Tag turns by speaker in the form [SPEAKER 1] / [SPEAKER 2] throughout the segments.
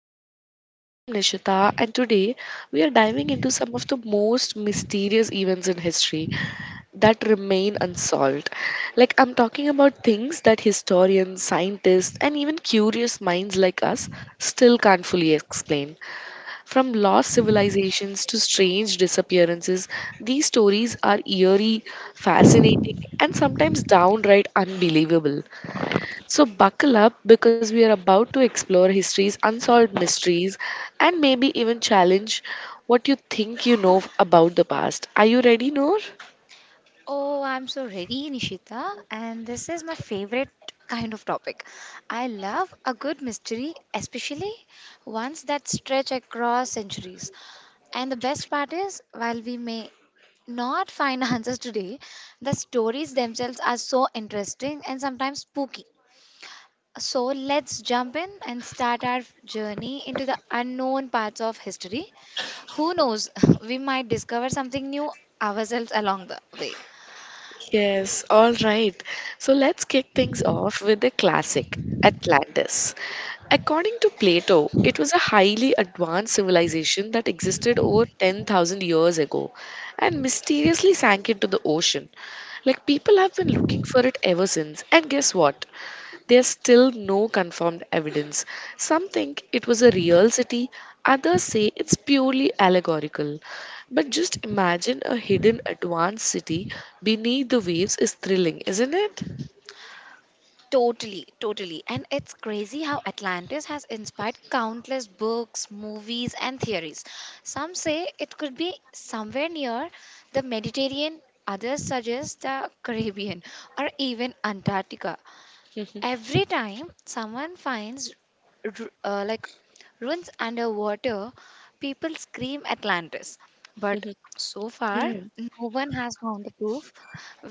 [SPEAKER 1] podcast. I am Nishita, and today we are diving into some of the most mysterious events in history that remain unsolved. Like, I'm talking about things that historians, scientists, and even curious minds like us still can't fully explain. From lost civilizations to strange disappearances, these stories are eerie, fascinating, and sometimes downright unbelievable. So, buckle up because we are about to explore history's unsolved mysteries and maybe even challenge what you think you know about the past. Are you ready, Noor?
[SPEAKER 2] Oh, I'm so ready, Nishita. And this is my favorite kind of topic. I love a good mystery, especially ones that stretch across centuries. And the best part is, while we may not find answers today, the stories themselves are so interesting and sometimes spooky. So let's jump in and start our journey into the unknown parts of history. Who knows, we might discover something new ourselves along the way.
[SPEAKER 1] Yes, all right. So, let's kick things off with the classic Atlantis. According to Plato, it was a highly advanced civilization that existed over 10,000 years ago and mysteriously sank into the ocean. Like, people have been looking for it ever since. And guess what? There's still no confirmed evidence. Some think it was a real city, others say it's purely allegorical. But just imagine, a hidden advanced city beneath the waves is thrilling, isn't
[SPEAKER 2] Totally, totally. And it's crazy how Atlantis has inspired countless books, movies, and theories. Some say it could be somewhere near the Mediterranean, others suggest the Caribbean or even Antarctica.
[SPEAKER 1] it?
[SPEAKER 2] Every time someone finds ru- uh, like ruins underwater, people scream Atlantis. But so far,
[SPEAKER 1] Yeah.
[SPEAKER 2] no one has found the proof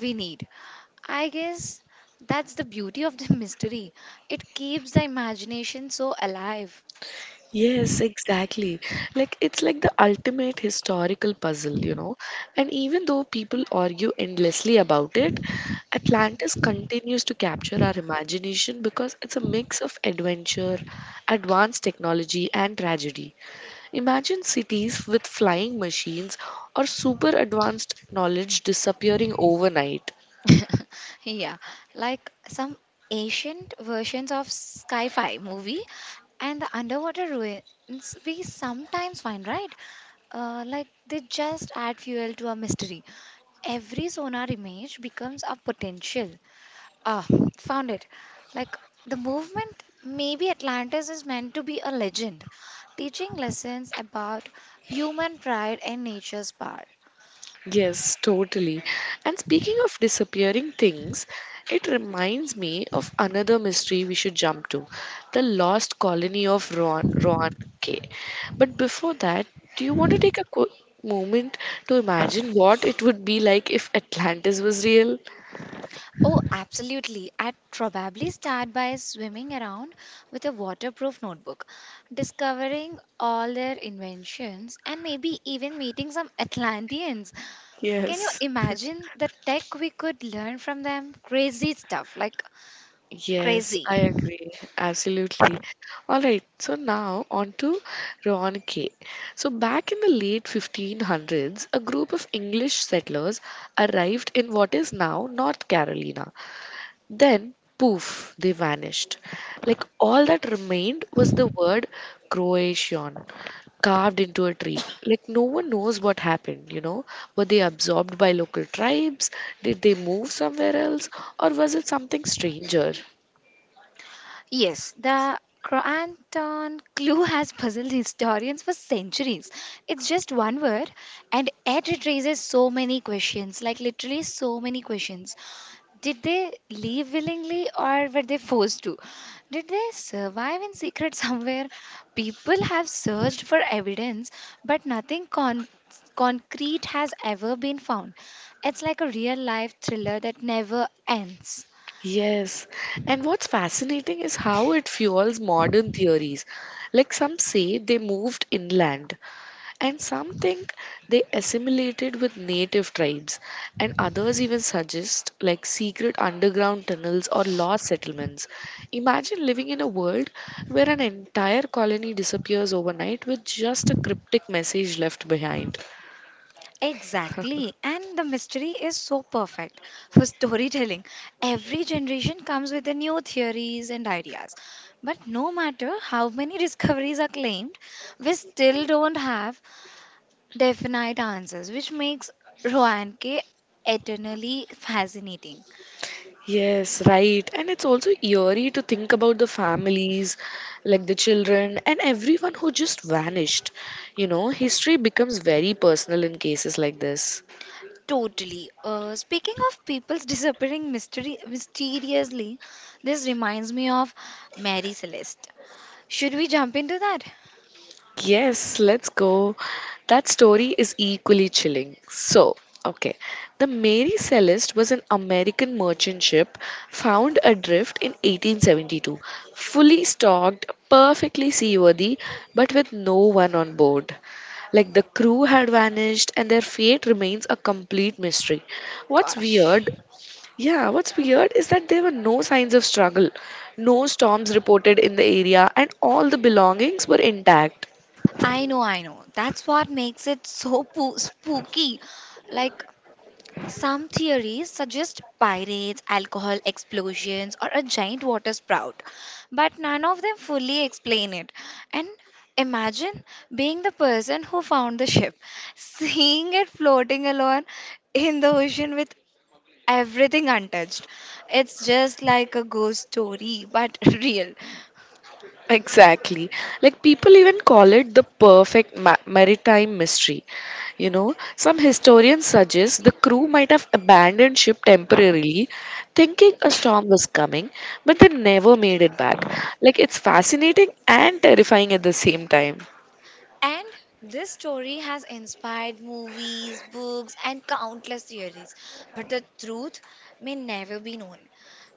[SPEAKER 2] we need. I guess that's the beauty of the mystery. It keeps the imagination so alive.
[SPEAKER 1] Yes, exactly. Like, it's like the ultimate historical puzzle, you know. And even though people argue endlessly about it, Atlantis continues to capture our imagination because it's a mix of adventure, advanced technology, and tragedy. Imagine cities with flying machines or super advanced knowledge disappearing overnight.
[SPEAKER 2] Yeah, like some ancient versions of sci fi movie and the underwater ruins we sometimes find, right? Like they just add fuel to a mystery. Every sonar image becomes a potential. Ah, found it. Like the movement, maybe Atlantis is meant to be a legend, teaching lessons about human pride and nature's power.
[SPEAKER 1] Yes, totally. And speaking of disappearing things, it reminds me of another mystery we should jump to, the lost colony of Ron K. But before that, do you want to take a quick moment to imagine what it would be like if Atlantis was real?
[SPEAKER 2] Oh, absolutely. I'd probably start by swimming around with a waterproof notebook, discovering all their inventions, and maybe even meeting some Atlanteans. Can you
[SPEAKER 1] Yes.
[SPEAKER 2] imagine the tech we could learn from them? Crazy stuff, like
[SPEAKER 1] Yes,
[SPEAKER 2] crazy.
[SPEAKER 1] I agree. Absolutely. All right. So now on to Roanoke. So back in the late 1500s, a group of English settlers arrived in what is now North Carolina. Then, poof, they vanished. Like, all that remained was the word Croatian carved into a tree. Like, no one knows what happened, you know. Were they absorbed by local tribes? Did they move somewhere else? Or was it something stranger?
[SPEAKER 2] Yes, the Croatan clue has puzzled historians for centuries. It's just one word, and it raises so many questions like, literally, so many questions. Did they leave willingly or were they forced to? Did they survive in secret somewhere? People have searched for evidence, but nothing concrete has ever been found. It's like a real life thriller that never ends.
[SPEAKER 1] Yes, and what's fascinating is how it fuels modern theories. Like, some say they moved inland, and some think they assimilated with native tribes, and others even suggest like secret underground tunnels or lost settlements. Imagine living in a world where an entire colony disappears overnight with just a cryptic message left behind.
[SPEAKER 2] Exactly, and the mystery is so perfect for storytelling. Every generation comes with the new theories and ideas. But no matter how many discoveries are claimed, we still don't have definite answers, which makes Roanke eternally fascinating.
[SPEAKER 1] Yes, right. And it's also eerie to think about the families, like the children, and everyone who just vanished. You know, history becomes very personal in cases like this.
[SPEAKER 2] Totally. Speaking of people's disappearing mystery mysteriously, this reminds me of Mary Celeste. Should we jump into that?
[SPEAKER 1] Yes, let's go. That story is equally chilling. So, okay. The Mary Celeste was an American merchant ship found adrift in 1872, fully stocked, perfectly seaworthy, but with no one on board. Like, the crew had vanished and their fate remains a complete mystery. What's
[SPEAKER 2] Gosh.
[SPEAKER 1] weird, yeah, what's weird is that there were no signs of struggle, no storms reported in the area, and all the belongings were intact.
[SPEAKER 2] I know, I know. That's what makes it so spooky. Like, some theories suggest pirates, alcohol explosions, or a giant water sprout, but none of them fully explain it. And imagine being the person who found the ship, seeing it floating alone in the ocean with everything untouched. It's just like a ghost story, but real.
[SPEAKER 1] Exactly. Like, people even call it the perfect maritime mystery. You know, some historians suggest the crew might have abandoned ship temporarily, thinking a storm was coming, but they never made it back. Like, it's fascinating and terrifying at the same time.
[SPEAKER 2] And this story has inspired movies, books, and countless theories. But the truth may never be known.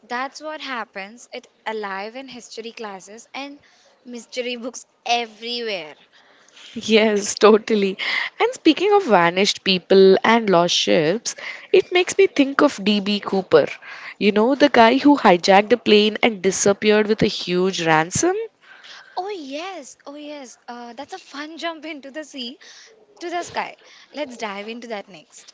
[SPEAKER 2] That's what happens. It alive in history classes and mystery books everywhere.
[SPEAKER 1] Yes, totally. And speaking of vanished people and lost ships, it makes me think of D.B. Cooper. You know, the guy who hijacked a plane and disappeared with a huge ransom?
[SPEAKER 2] Oh yes, oh yes. That's a fun jump into the sea to the sky. Let's dive into that next.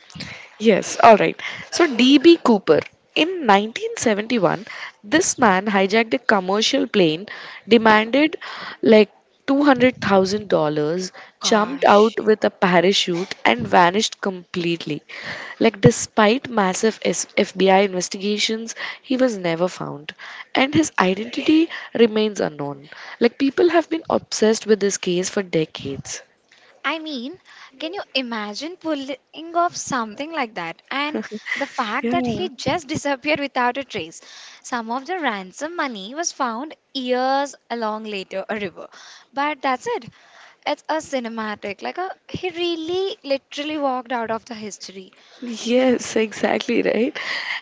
[SPEAKER 1] Yes, all right. So, D.B. Cooper. In 1971, this man hijacked a commercial plane, demanded like $200,000, jumped
[SPEAKER 2] Gosh.
[SPEAKER 1] out with a parachute, and vanished completely. Like, despite massive FBI investigations, he was never found. And his identity remains unknown. Like, people have been obsessed with this case for decades.
[SPEAKER 2] I mean, can you imagine pulling off something like that? And the fact that he
[SPEAKER 1] Yeah.
[SPEAKER 2] just disappeared without a trace. Some of the ransom money was found years along later a river. But that's it. It's a cinematic. Like a he really literally walked out of the history.
[SPEAKER 1] Yes, exactly, right.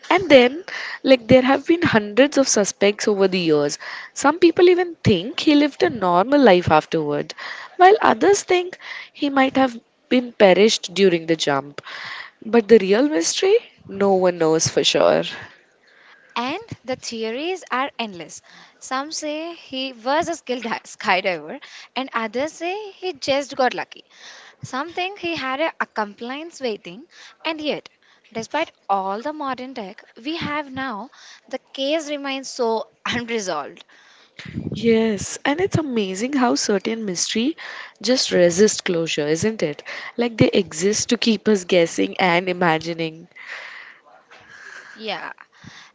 [SPEAKER 1] And then, like, there have been hundreds of suspects over the years. Some people even think he lived a normal life afterward, while others think he might have been perished during the jump. But the real mystery, no one knows for sure.
[SPEAKER 2] And the theories are endless. Some say he was a skilled skydiver and others say he just got lucky. Something he had a compliance waiting, and yet, despite all the modern tech we have now, the case remains so unresolved.
[SPEAKER 1] Yes, and it's amazing how certain mystery just resist closure, isn't it? Like, they exist to keep us guessing and imagining.
[SPEAKER 2] Yeah,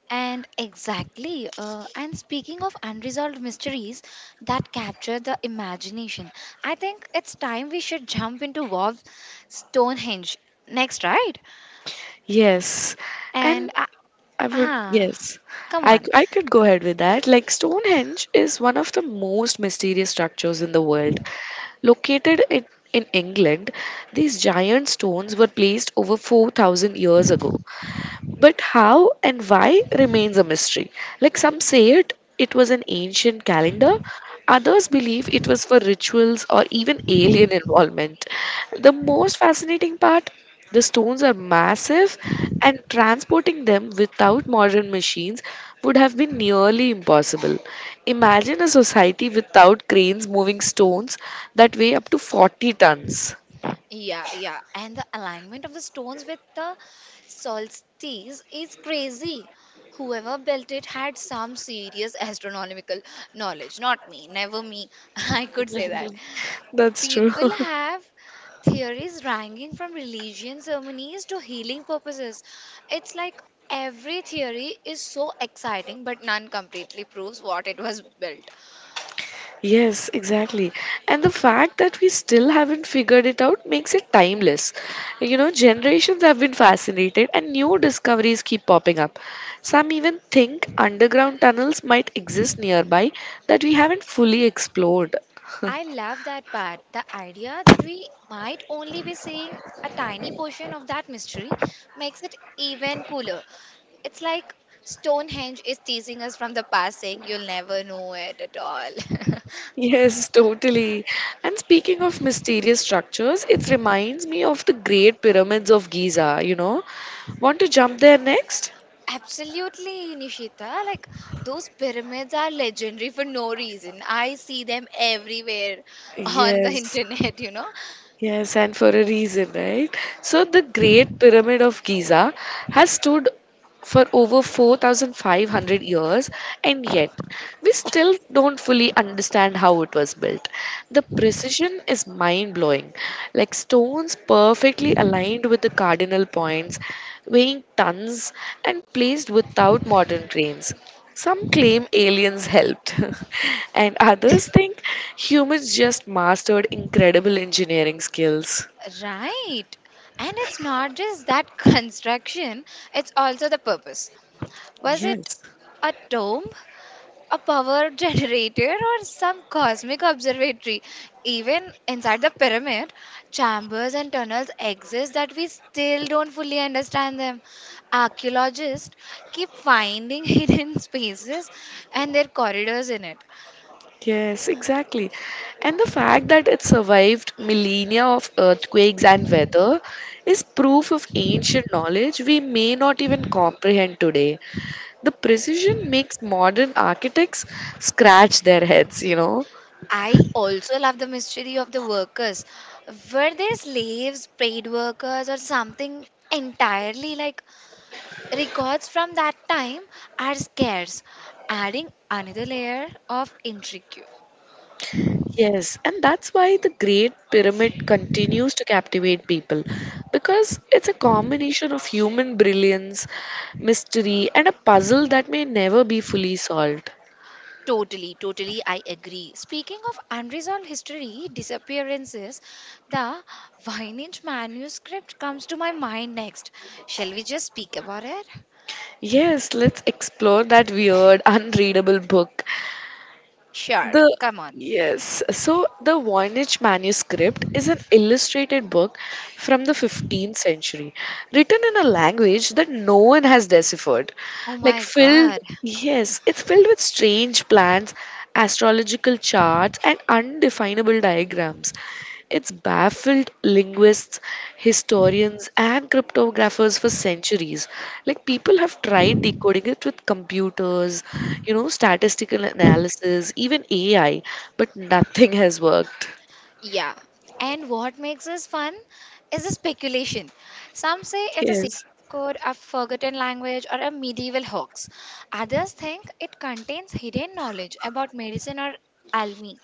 [SPEAKER 2] and exactly. And speaking of unresolved mysteries that capture the imagination, I think it's time we should jump into Warp's Stonehenge next, right?
[SPEAKER 1] Yes, and
[SPEAKER 2] And
[SPEAKER 1] I would,
[SPEAKER 2] ah,
[SPEAKER 1] yes,
[SPEAKER 2] come on.
[SPEAKER 1] I could go ahead with that. Like, Stonehenge is one of the most mysterious structures in the world. Located in England, these giant stones were placed over 4,000 years ago. But how and why remains a mystery. Like, some say it was an ancient calendar. Others believe it was for rituals or even alien involvement. The most fascinating part: the stones are massive, and transporting them without modern machines would have been nearly impossible. Imagine a society without cranes moving stones that weigh up to 40 tons.
[SPEAKER 2] Yeah, yeah. And the alignment of the stones with the solstice is crazy. Whoever built it had some serious astronomical knowledge. Not me, never me. I could say that.
[SPEAKER 1] That's true.
[SPEAKER 2] People have theories ranging from religion ceremonies to healing purposes. It's like every theory is so exciting, but none completely proves what it was built.
[SPEAKER 1] Yes, exactly. And the fact that we still haven't figured it out makes it timeless. You know, generations have been fascinated and new discoveries keep popping up. Some even think underground tunnels might exist nearby that we haven't fully explored.
[SPEAKER 2] I love that part. The idea that we might only be seeing a tiny portion of that mystery makes it even cooler. It's like Stonehenge is teasing us from the past, saying you'll never know it at all.
[SPEAKER 1] Yes, totally. And speaking of mysterious structures, it reminds me of the Great Pyramids of Giza, you know. Want to jump there next?
[SPEAKER 2] Absolutely, Nishita. Like, those pyramids are legendary for no reason. I see them everywhere on the
[SPEAKER 1] Yes.
[SPEAKER 2] internet, you know?
[SPEAKER 1] Yes, and for a reason, right? So the Great Pyramid of Giza has stood for over 4,500 years, and yet we still don't fully understand how it was built. The precision is mind blowing, like stones perfectly aligned with the cardinal points, weighing tons, and placed without modern cranes. Some claim aliens helped, and others think humans just mastered incredible engineering skills.
[SPEAKER 2] Right. And it's not just that construction, it's also the purpose. Was it
[SPEAKER 1] Yes,
[SPEAKER 2] a tomb, a power generator, or some cosmic observatory? Even inside the pyramid, chambers and tunnels exist that we still don't fully understand them. Archaeologists keep finding hidden spaces and their corridors in it.
[SPEAKER 1] yes, exactly. And the fact that it survived millennia of earthquakes and weather is proof of ancient knowledge we may not even comprehend today. The precision makes modern architects scratch their heads, you know.
[SPEAKER 2] I also love the mystery of the workers. Were they slaves, paid workers, or something entirely like Records from that time are scarce, adding another layer of intrigue.
[SPEAKER 1] Yes, and that's why the Great Pyramid continues to captivate people, because it's a combination of human brilliance, mystery, and a puzzle that may never be fully solved.
[SPEAKER 2] Totally, totally, I agree. Speaking of unresolved history disappearances, the Voynich manuscript comes to my mind next. Shall we just speak about it?
[SPEAKER 1] Yes, let's explore that weird, unreadable book.
[SPEAKER 2] Sure,
[SPEAKER 1] The
[SPEAKER 2] come on.
[SPEAKER 1] Yes, so the Voynich manuscript is an illustrated book from the 15th century, written in a language that no one has deciphered.
[SPEAKER 2] Oh
[SPEAKER 1] Like,
[SPEAKER 2] my god.
[SPEAKER 1] yes, it's filled with strange plans, astrological charts, and undefinable diagrams. It's baffled linguists, historians, and cryptographers for centuries. Like, people have tried decoding it with computers, you know, statistical analysis, even AI, but nothing has worked.
[SPEAKER 2] Yeah. And what makes this fun is the speculation. Some say it's a secret
[SPEAKER 1] Yes,
[SPEAKER 2] code, a forgotten language, or a medieval hoax. Others think it contains hidden knowledge about medicine or alchemy.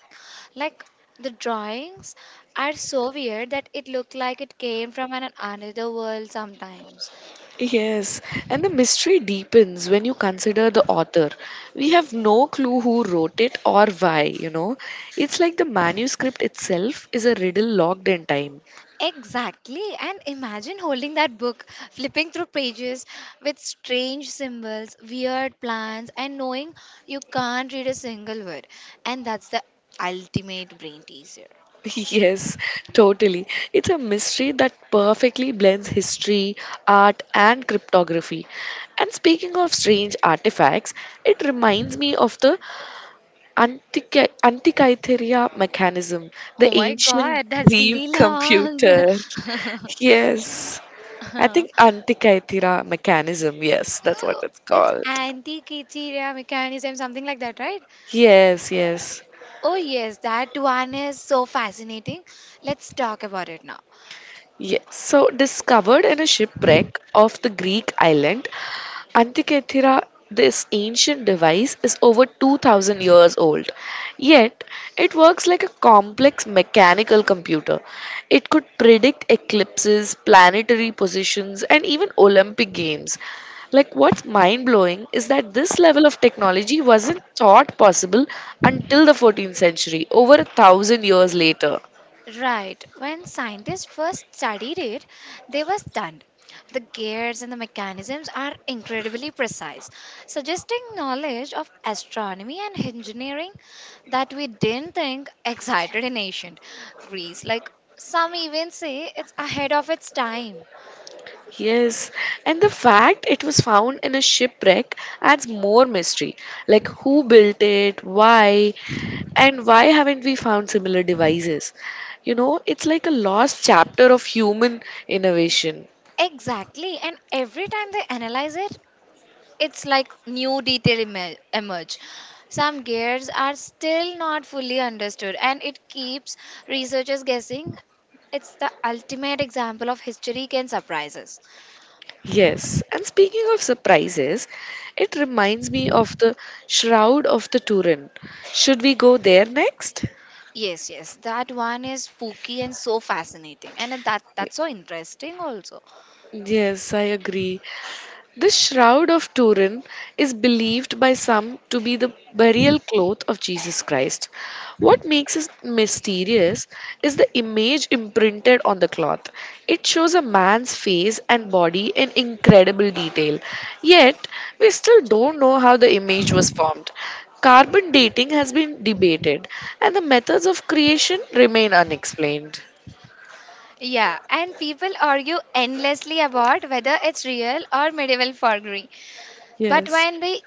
[SPEAKER 2] Like the drawings are so weird that it looked like it came from an another world sometimes.
[SPEAKER 1] yes. And the mystery deepens when you consider the author. We have no clue who wrote it or why, you know. It's like the manuscript itself is a riddle locked in time.
[SPEAKER 2] Exactly. And imagine holding that book, flipping through pages with strange symbols, weird plans, and knowing you can't read a single word. And that's the ultimate brain teaser.
[SPEAKER 1] Yes, totally. It's a mystery that perfectly blends history, art, and cryptography. And speaking of strange artifacts, it reminds me of the Antikythera mechanism, the
[SPEAKER 2] Oh my
[SPEAKER 1] ancient
[SPEAKER 2] god, that's
[SPEAKER 1] Greek
[SPEAKER 2] really long.
[SPEAKER 1] computer. Yes, I
[SPEAKER 2] Uh,
[SPEAKER 1] think Antikythera mechanism. Yes, that's what it's
[SPEAKER 2] it's
[SPEAKER 1] called.
[SPEAKER 2] anti-criteria mechanism, something like that, right?
[SPEAKER 1] Yes, yes.
[SPEAKER 2] Oh yes, that one is so fascinating. Let's talk about it now.
[SPEAKER 1] Yeah. So, discovered in a shipwreck off the Greek island Antikythera, this ancient device is over 2000 years old. Yet, it works like a complex mechanical computer. It could predict eclipses, planetary positions, and even Olympic Games. Like, what's mind blowing is that this level of technology wasn't thought possible until the 14th century, over a thousand years later.
[SPEAKER 2] Right. When scientists first studied it, they were stunned. The gears and the mechanisms are incredibly precise, suggesting knowledge of astronomy and engineering that we didn't think existed in ancient Greece. Like some even say, it's ahead of its time.
[SPEAKER 1] Yes, and the fact it was found in a shipwreck adds more mystery. Like, who built it, why, and why haven't we found similar devices? You know, it's like a lost chapter of human innovation.
[SPEAKER 2] Exactly, and every time they analyze it, it's like new detail emerge. Some gears are still not fully understood and it keeps researchers guessing. It's the ultimate example of history can surprise us.
[SPEAKER 1] Yes, and speaking of surprises, it reminds me of the Shroud of the Turin. Should we go there next?
[SPEAKER 2] Yes, yes, that one is spooky and so fascinating, and that's so interesting also.
[SPEAKER 1] Yes, I agree. The Shroud of Turin is believed by some to be the burial cloth of Jesus Christ. What makes it mysterious is the image imprinted on the cloth. It shows a man's face and body in incredible detail. Yet, we still don't know how the image was formed. Carbon dating has been debated, and the methods of creation remain unexplained.
[SPEAKER 2] Yeah, and people argue endlessly about whether it's real or medieval forgery, but
[SPEAKER 1] Yes.
[SPEAKER 2] when they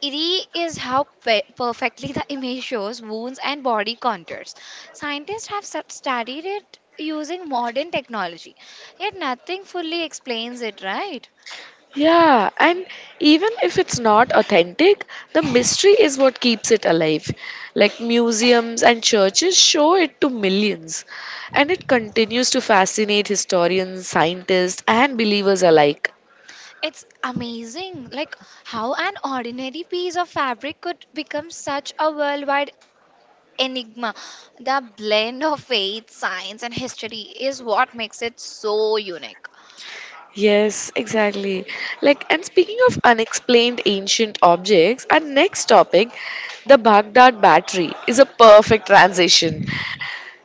[SPEAKER 2] eerie is how perfectly the image shows wounds and body contours. Scientists have studied it using modern technology, yet nothing fully explains it, right?
[SPEAKER 1] Yeah, and even if it's not authentic, the mystery is what keeps it alive. Like, museums and churches show it to millions, and it continues to fascinate historians, scientists, and believers alike.
[SPEAKER 2] It's amazing, like how an ordinary piece of fabric could become such a worldwide enigma. The blend of faith, science, and history is what makes it so unique.
[SPEAKER 1] Yes, exactly. Like, and speaking of unexplained ancient objects, our next topic, the Baghdad Battery, is a perfect transition.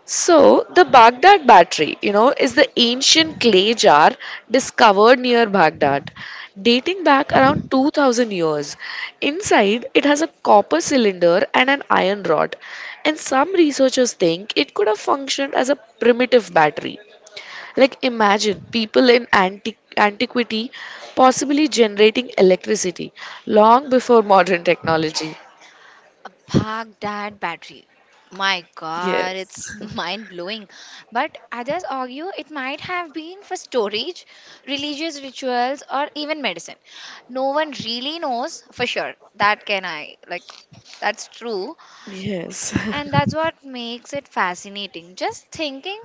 [SPEAKER 1] So, the Baghdad battery, you know, is the ancient clay jar discovered near Baghdad, dating back around 2000 years. Inside, it has a copper cylinder and an iron rod, and some researchers think it could have functioned as a primitive battery. Like, imagine people in antiquity possibly generating electricity long before modern technology.
[SPEAKER 2] Park that battery. My god, it's
[SPEAKER 1] Yes,
[SPEAKER 2] mind blowing. But others argue it might have been for storage, religious rituals, or even medicine. No one really knows for sure. That can I, like, that's true.
[SPEAKER 1] yes.
[SPEAKER 2] And that's what makes it fascinating. Just thinking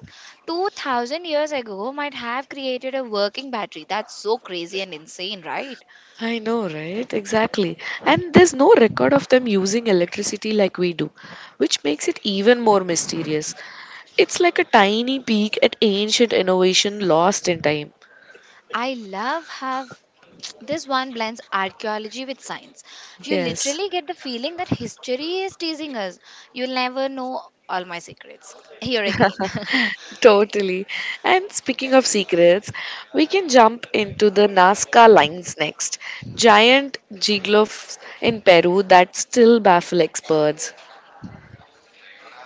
[SPEAKER 2] 2000 years ago might have created a working battery. That's so crazy and insane, right?
[SPEAKER 1] I know, right? Exactly. And there's no record of them using electricity like we do, which makes it even more mysterious. It's like a tiny peek at ancient innovation lost in time.
[SPEAKER 2] I love have this one blends archaeology with science. You
[SPEAKER 1] Yes,
[SPEAKER 2] literally get the feeling that history is teasing us. You'll never know all my secrets. Here again.
[SPEAKER 1] totally. And speaking of secrets, we can jump into the Nazca lines next. Giant gigloffs in Peru that still baffle experts.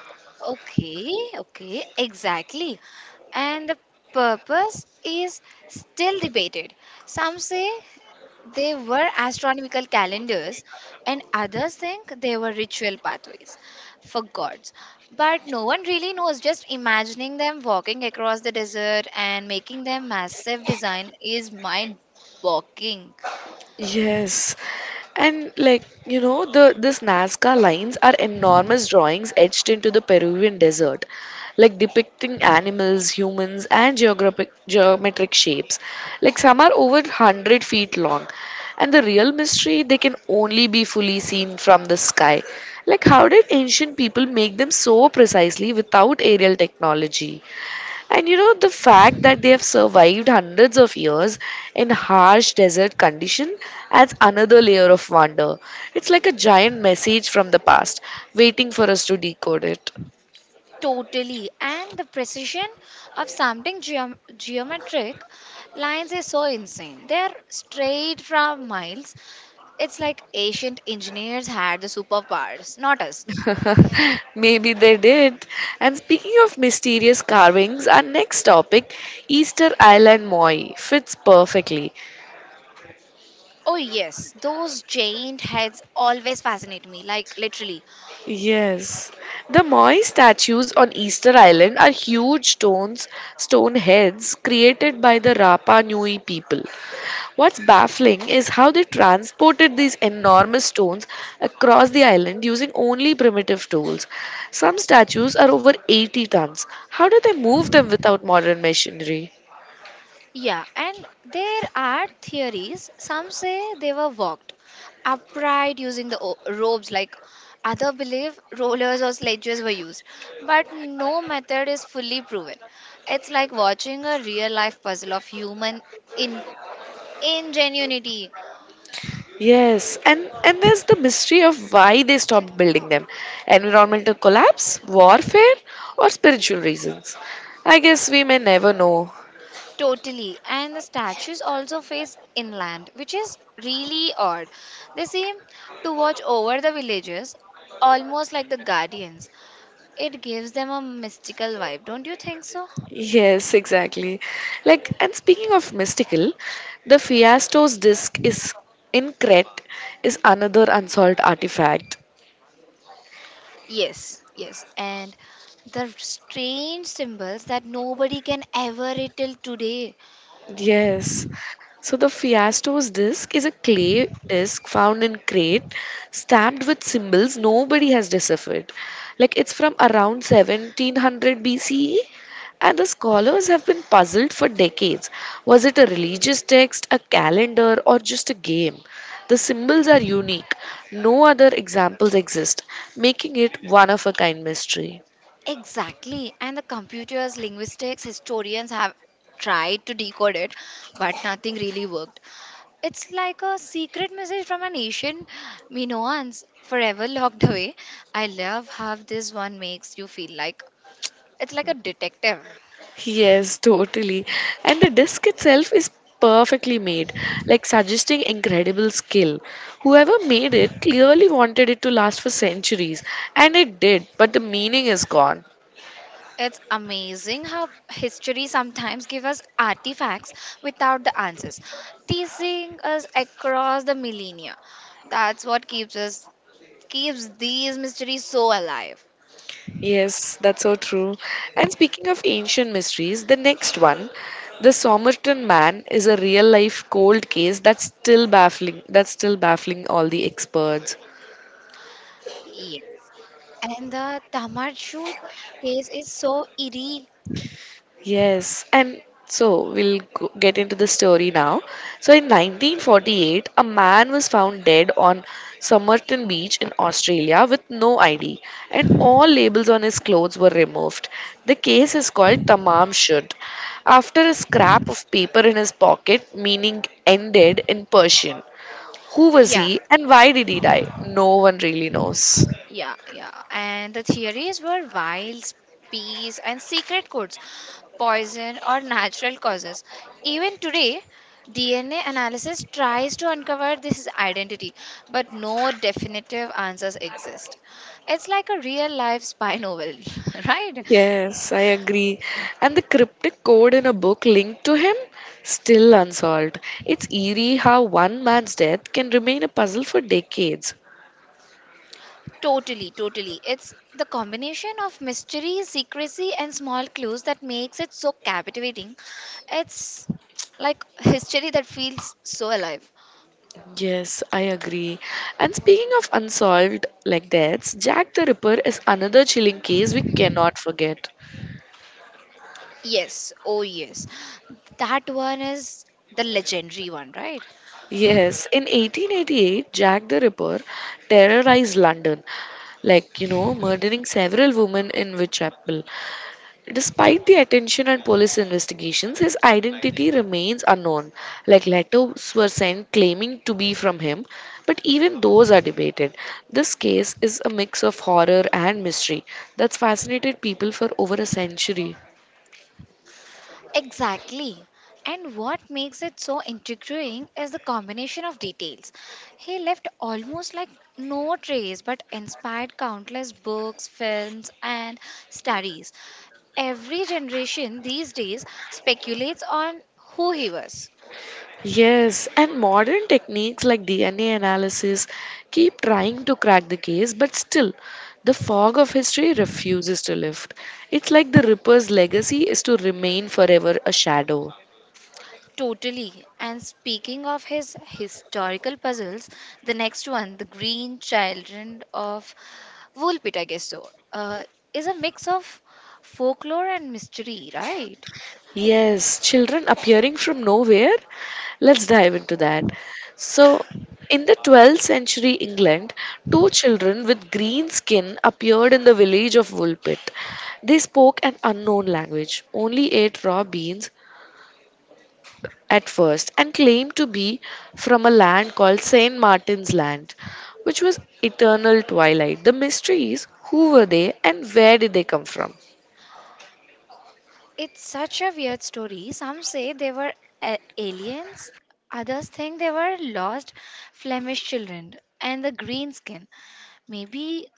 [SPEAKER 2] Okay, okay, exactly. And the purpose is still debated. Some say they were astronomical calendars, and others think they were ritual pathways for gods. But no one really knows. Just imagining them walking across the desert and making their massive design is mind boggling.
[SPEAKER 1] Yes. And like, you know, the this Nazca lines are enormous drawings etched into the Peruvian desert, like depicting animals, humans, and geographic geometric shapes. Like, some are over 100 feet long. And the real mystery, they can only be fully seen from the sky. Like how did ancient people make them so precisely without aerial technology? And you know, the fact that they have survived hundreds of years in harsh desert condition adds another layer of wonder. It's like a giant message from the past, waiting for us to decode it.
[SPEAKER 2] Totally. And the precision of something geometric lines is so insane. They're straight from miles. It's like ancient engineers had the superpowers, not us.
[SPEAKER 1] Maybe they did. And speaking of mysterious carvings, our next topic, Easter Island Moi, fits perfectly.
[SPEAKER 2] Oh, yes, those giant heads always fascinate me, like literally.
[SPEAKER 1] Yes. The Moi statues on Easter Island are huge stones, stone heads created by the Rapa Nui people. What's baffling is how they transported these enormous stones across the island using only primitive tools. Some statues are over 80 tons. How do they move them without modern machinery?
[SPEAKER 2] Yeah, and there are theories. Some say they were walked upright using the ropes, like other believe rollers or sledges were used. But no method is fully proven. It's like watching a real life puzzle of human in- ingenuity.
[SPEAKER 1] Yes, and there's the mystery of why they stopped building them environmental collapse, warfare, or spiritual reasons. I guess we may never know.
[SPEAKER 2] Totally. And the statues also face inland, which is really odd. They seem to watch over the villages, almost like the guardians. It gives them a mystical vibe, don't you think so?
[SPEAKER 1] Yes, exactly. Like, and speaking of mystical, the Fiastos disc is in Crete is another unsolved artifact.
[SPEAKER 2] Yes, yes. And the strange symbols that nobody can ever read till today.
[SPEAKER 1] Yes. So the Fiastos disc is a clay disc found in Crete, stamped with symbols nobody has deciphered. Like it's from around 1700 BCE, and the scholars have been puzzled for decades. Was it a religious text, a calendar, or just a game? The symbols are unique. No other examples exist, making it one of a kind mystery.
[SPEAKER 2] Exactly. And the computers, linguistics, historians have tried to decode it, but nothing really worked. It's like a secret message from a nation we know once forever locked away. I love how this one makes you feel like it's like a detective.
[SPEAKER 1] Yes, totally. And the disc itself is perfectly made, like suggesting incredible skill. Whoever made it clearly wanted it to last for centuries, and it did, but the meaning is gone.
[SPEAKER 2] It's amazing how history sometimes gives us artifacts without the answers, teasing us across the millennia. That's what keeps these mysteries so alive.
[SPEAKER 1] Yes, that's so true. And speaking of ancient mysteries, the next one, the Somerton Man, is a real life cold case that's still baffling all the experts.
[SPEAKER 2] Yes. And the Tamar shoot case is so eerie.
[SPEAKER 1] Yes, and so we'll get into the story now. So, in 1948, a man was found dead on Somerton Beach in Australia with no ID, and all labels on his clothes were removed. The case is called Tamam Shud, after a scrap of paper in his pocket, meaning ended in Persian. Who was
[SPEAKER 2] Yeah,
[SPEAKER 1] he and why did he die? No one really knows.
[SPEAKER 2] yeah, yeah. And the theories were wiles, peas, and secret codes, poison, or natural causes. Even today, DNA analysis tries to uncover this identity, but no definitive answers exist. It's like a real life spy novel, right?
[SPEAKER 1] Yes, I agree. And the cryptic code in a book linked to him still unsolved. It's eerie how one man's death can remain a puzzle for decades.
[SPEAKER 2] Totally, totally. It's the combination of mystery, secrecy, and small clues that makes it so captivating. It's like history that feels so alive.
[SPEAKER 1] Yes, I agree. And speaking of unsolved like deaths, Jack the Ripper is another chilling case we cannot forget.
[SPEAKER 2] Yes, oh yes. That one is the legendary one, right?
[SPEAKER 1] Yes, in 1888, Jack the Ripper terrorized London, like, you know, murdering several women in Whitechapel. Despite the attention and police investigations, his identity remains unknown. Like letters were sent claiming to be from him, but even those are debated. This case is a mix of horror and mystery that's fascinated people for over a century.
[SPEAKER 2] Exactly. And what makes it so intriguing is the combination of details. He left almost like no trace but inspired countless books, films, and studies. Every generation these days speculates on who he was.
[SPEAKER 1] Yes, and modern techniques like DNA analysis keep trying to crack the case, but still, the fog of history refuses to lift. It's like the Ripper's legacy is to remain forever a shadow.
[SPEAKER 2] Totally. And speaking of his historical puzzles, the next one, The Green Children of Woolpit, I guess so, is a mix of folklore and mystery, right?
[SPEAKER 1] Yes, children appearing from nowhere. Let's dive into that. So, in the 12th century England, two children with green skin appeared in the village of Woolpit. They spoke an unknown language, only ate raw beans at first, and claimed to be from a land called St. Martin's Land, which was eternal twilight. The mystery is who were they and where did they come from?
[SPEAKER 2] It's such a weird story. Some say they were aliens, others think they were lost Flemish children, and the green skin. Maybe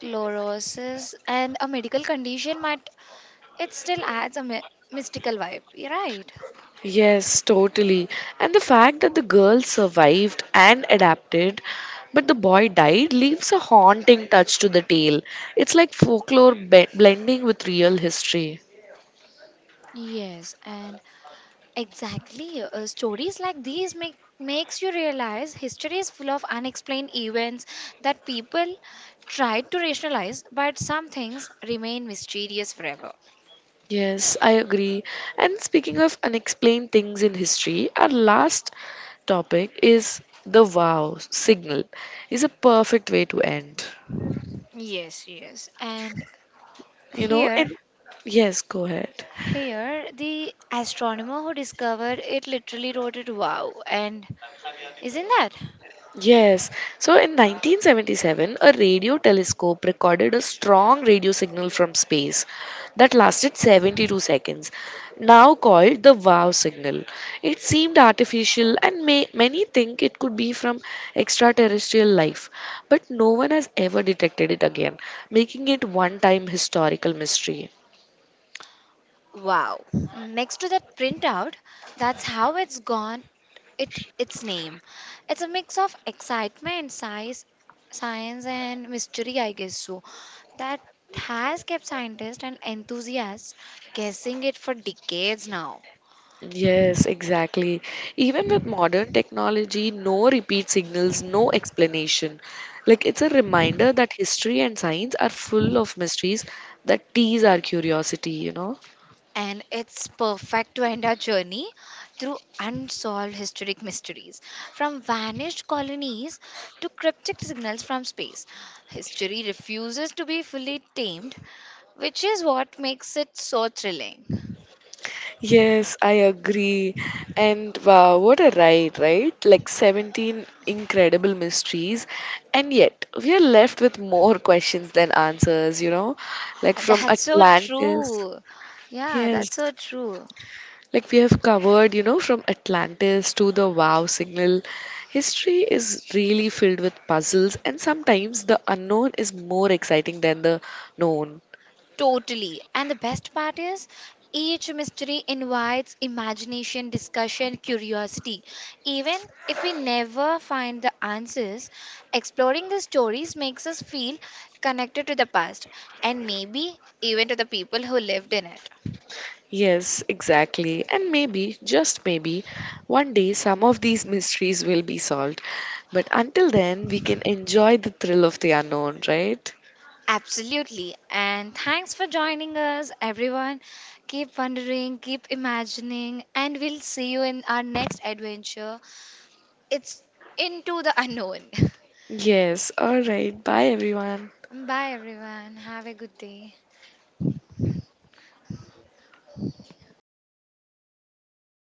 [SPEAKER 2] chlorosis and a medical condition, but it still adds a mystical vibe, right?
[SPEAKER 1] Yes, totally. And the fact that the girl survived and adapted, but the boy died, leaves a haunting touch to the tale. It's like folklore blending with real history.
[SPEAKER 2] Yes, and exactly. Stories like these makes you realize history is full of unexplained events that people tried to rationalize, but some things remain mysterious forever.
[SPEAKER 1] Yes, I agree. And speaking of unexplained things in history, our last topic is the wow signal is a perfect way to end.
[SPEAKER 2] Yes, yes. And
[SPEAKER 1] You know,
[SPEAKER 2] here,
[SPEAKER 1] and yes, go ahead.
[SPEAKER 2] here, the astronomer who discovered it literally wrote it wow. And isn't that?
[SPEAKER 1] Yes. So in 1977, a radio telescope recorded a strong radio signal from space that lasted 72 seconds, now called the wow signal. It seemed artificial and many think it could be from extraterrestrial life, but no one has ever detected it again, making it one time historical mystery.
[SPEAKER 2] Wow. Next to that printout, that's how it's gone it its name. It's a mix of excitement, size, science and mystery, I guess so. That has kept scientists and enthusiasts guessing it for decades now.
[SPEAKER 1] Yes, exactly. Even with modern technology, no repeat signals, no explanation. Like it's a reminder that history and science are full of mysteries that tease our curiosity, you know?
[SPEAKER 2] And it's perfect to end our journey through unsolved historic mysteries. From vanished colonies to cryptic signals from space, history refuses to be fully tamed, which is what makes it so thrilling.
[SPEAKER 1] Yes, I agree. And wow, what a ride, right? Like 17 incredible mysteries. And yet, we are left with more questions than answers, you know? Like from
[SPEAKER 2] That's so
[SPEAKER 1] Atlantis.
[SPEAKER 2] true. Yeah,
[SPEAKER 1] Yes.
[SPEAKER 2] that's so true.
[SPEAKER 1] Like we have covered, you know, from Atlantis to the wow signal, history is really filled with puzzles, and sometimes the unknown is more exciting than the known.
[SPEAKER 2] Totally. And the best part is, each mystery invites imagination, discussion, curiosity. Even if we never find the answers, exploring the stories makes us feel connected to the past and maybe even to the people who lived in it.
[SPEAKER 1] Yes, exactly. And maybe, just maybe, one day some of these mysteries will be solved. But until then, we can enjoy the thrill of the unknown, right?
[SPEAKER 2] Absolutely. And thanks for joining us, everyone. Keep wondering, keep imagining, and we'll see you in our next adventure. It's into the unknown.
[SPEAKER 1] Yes, alright. Bye, everyone.
[SPEAKER 2] Bye, everyone. Have a good day.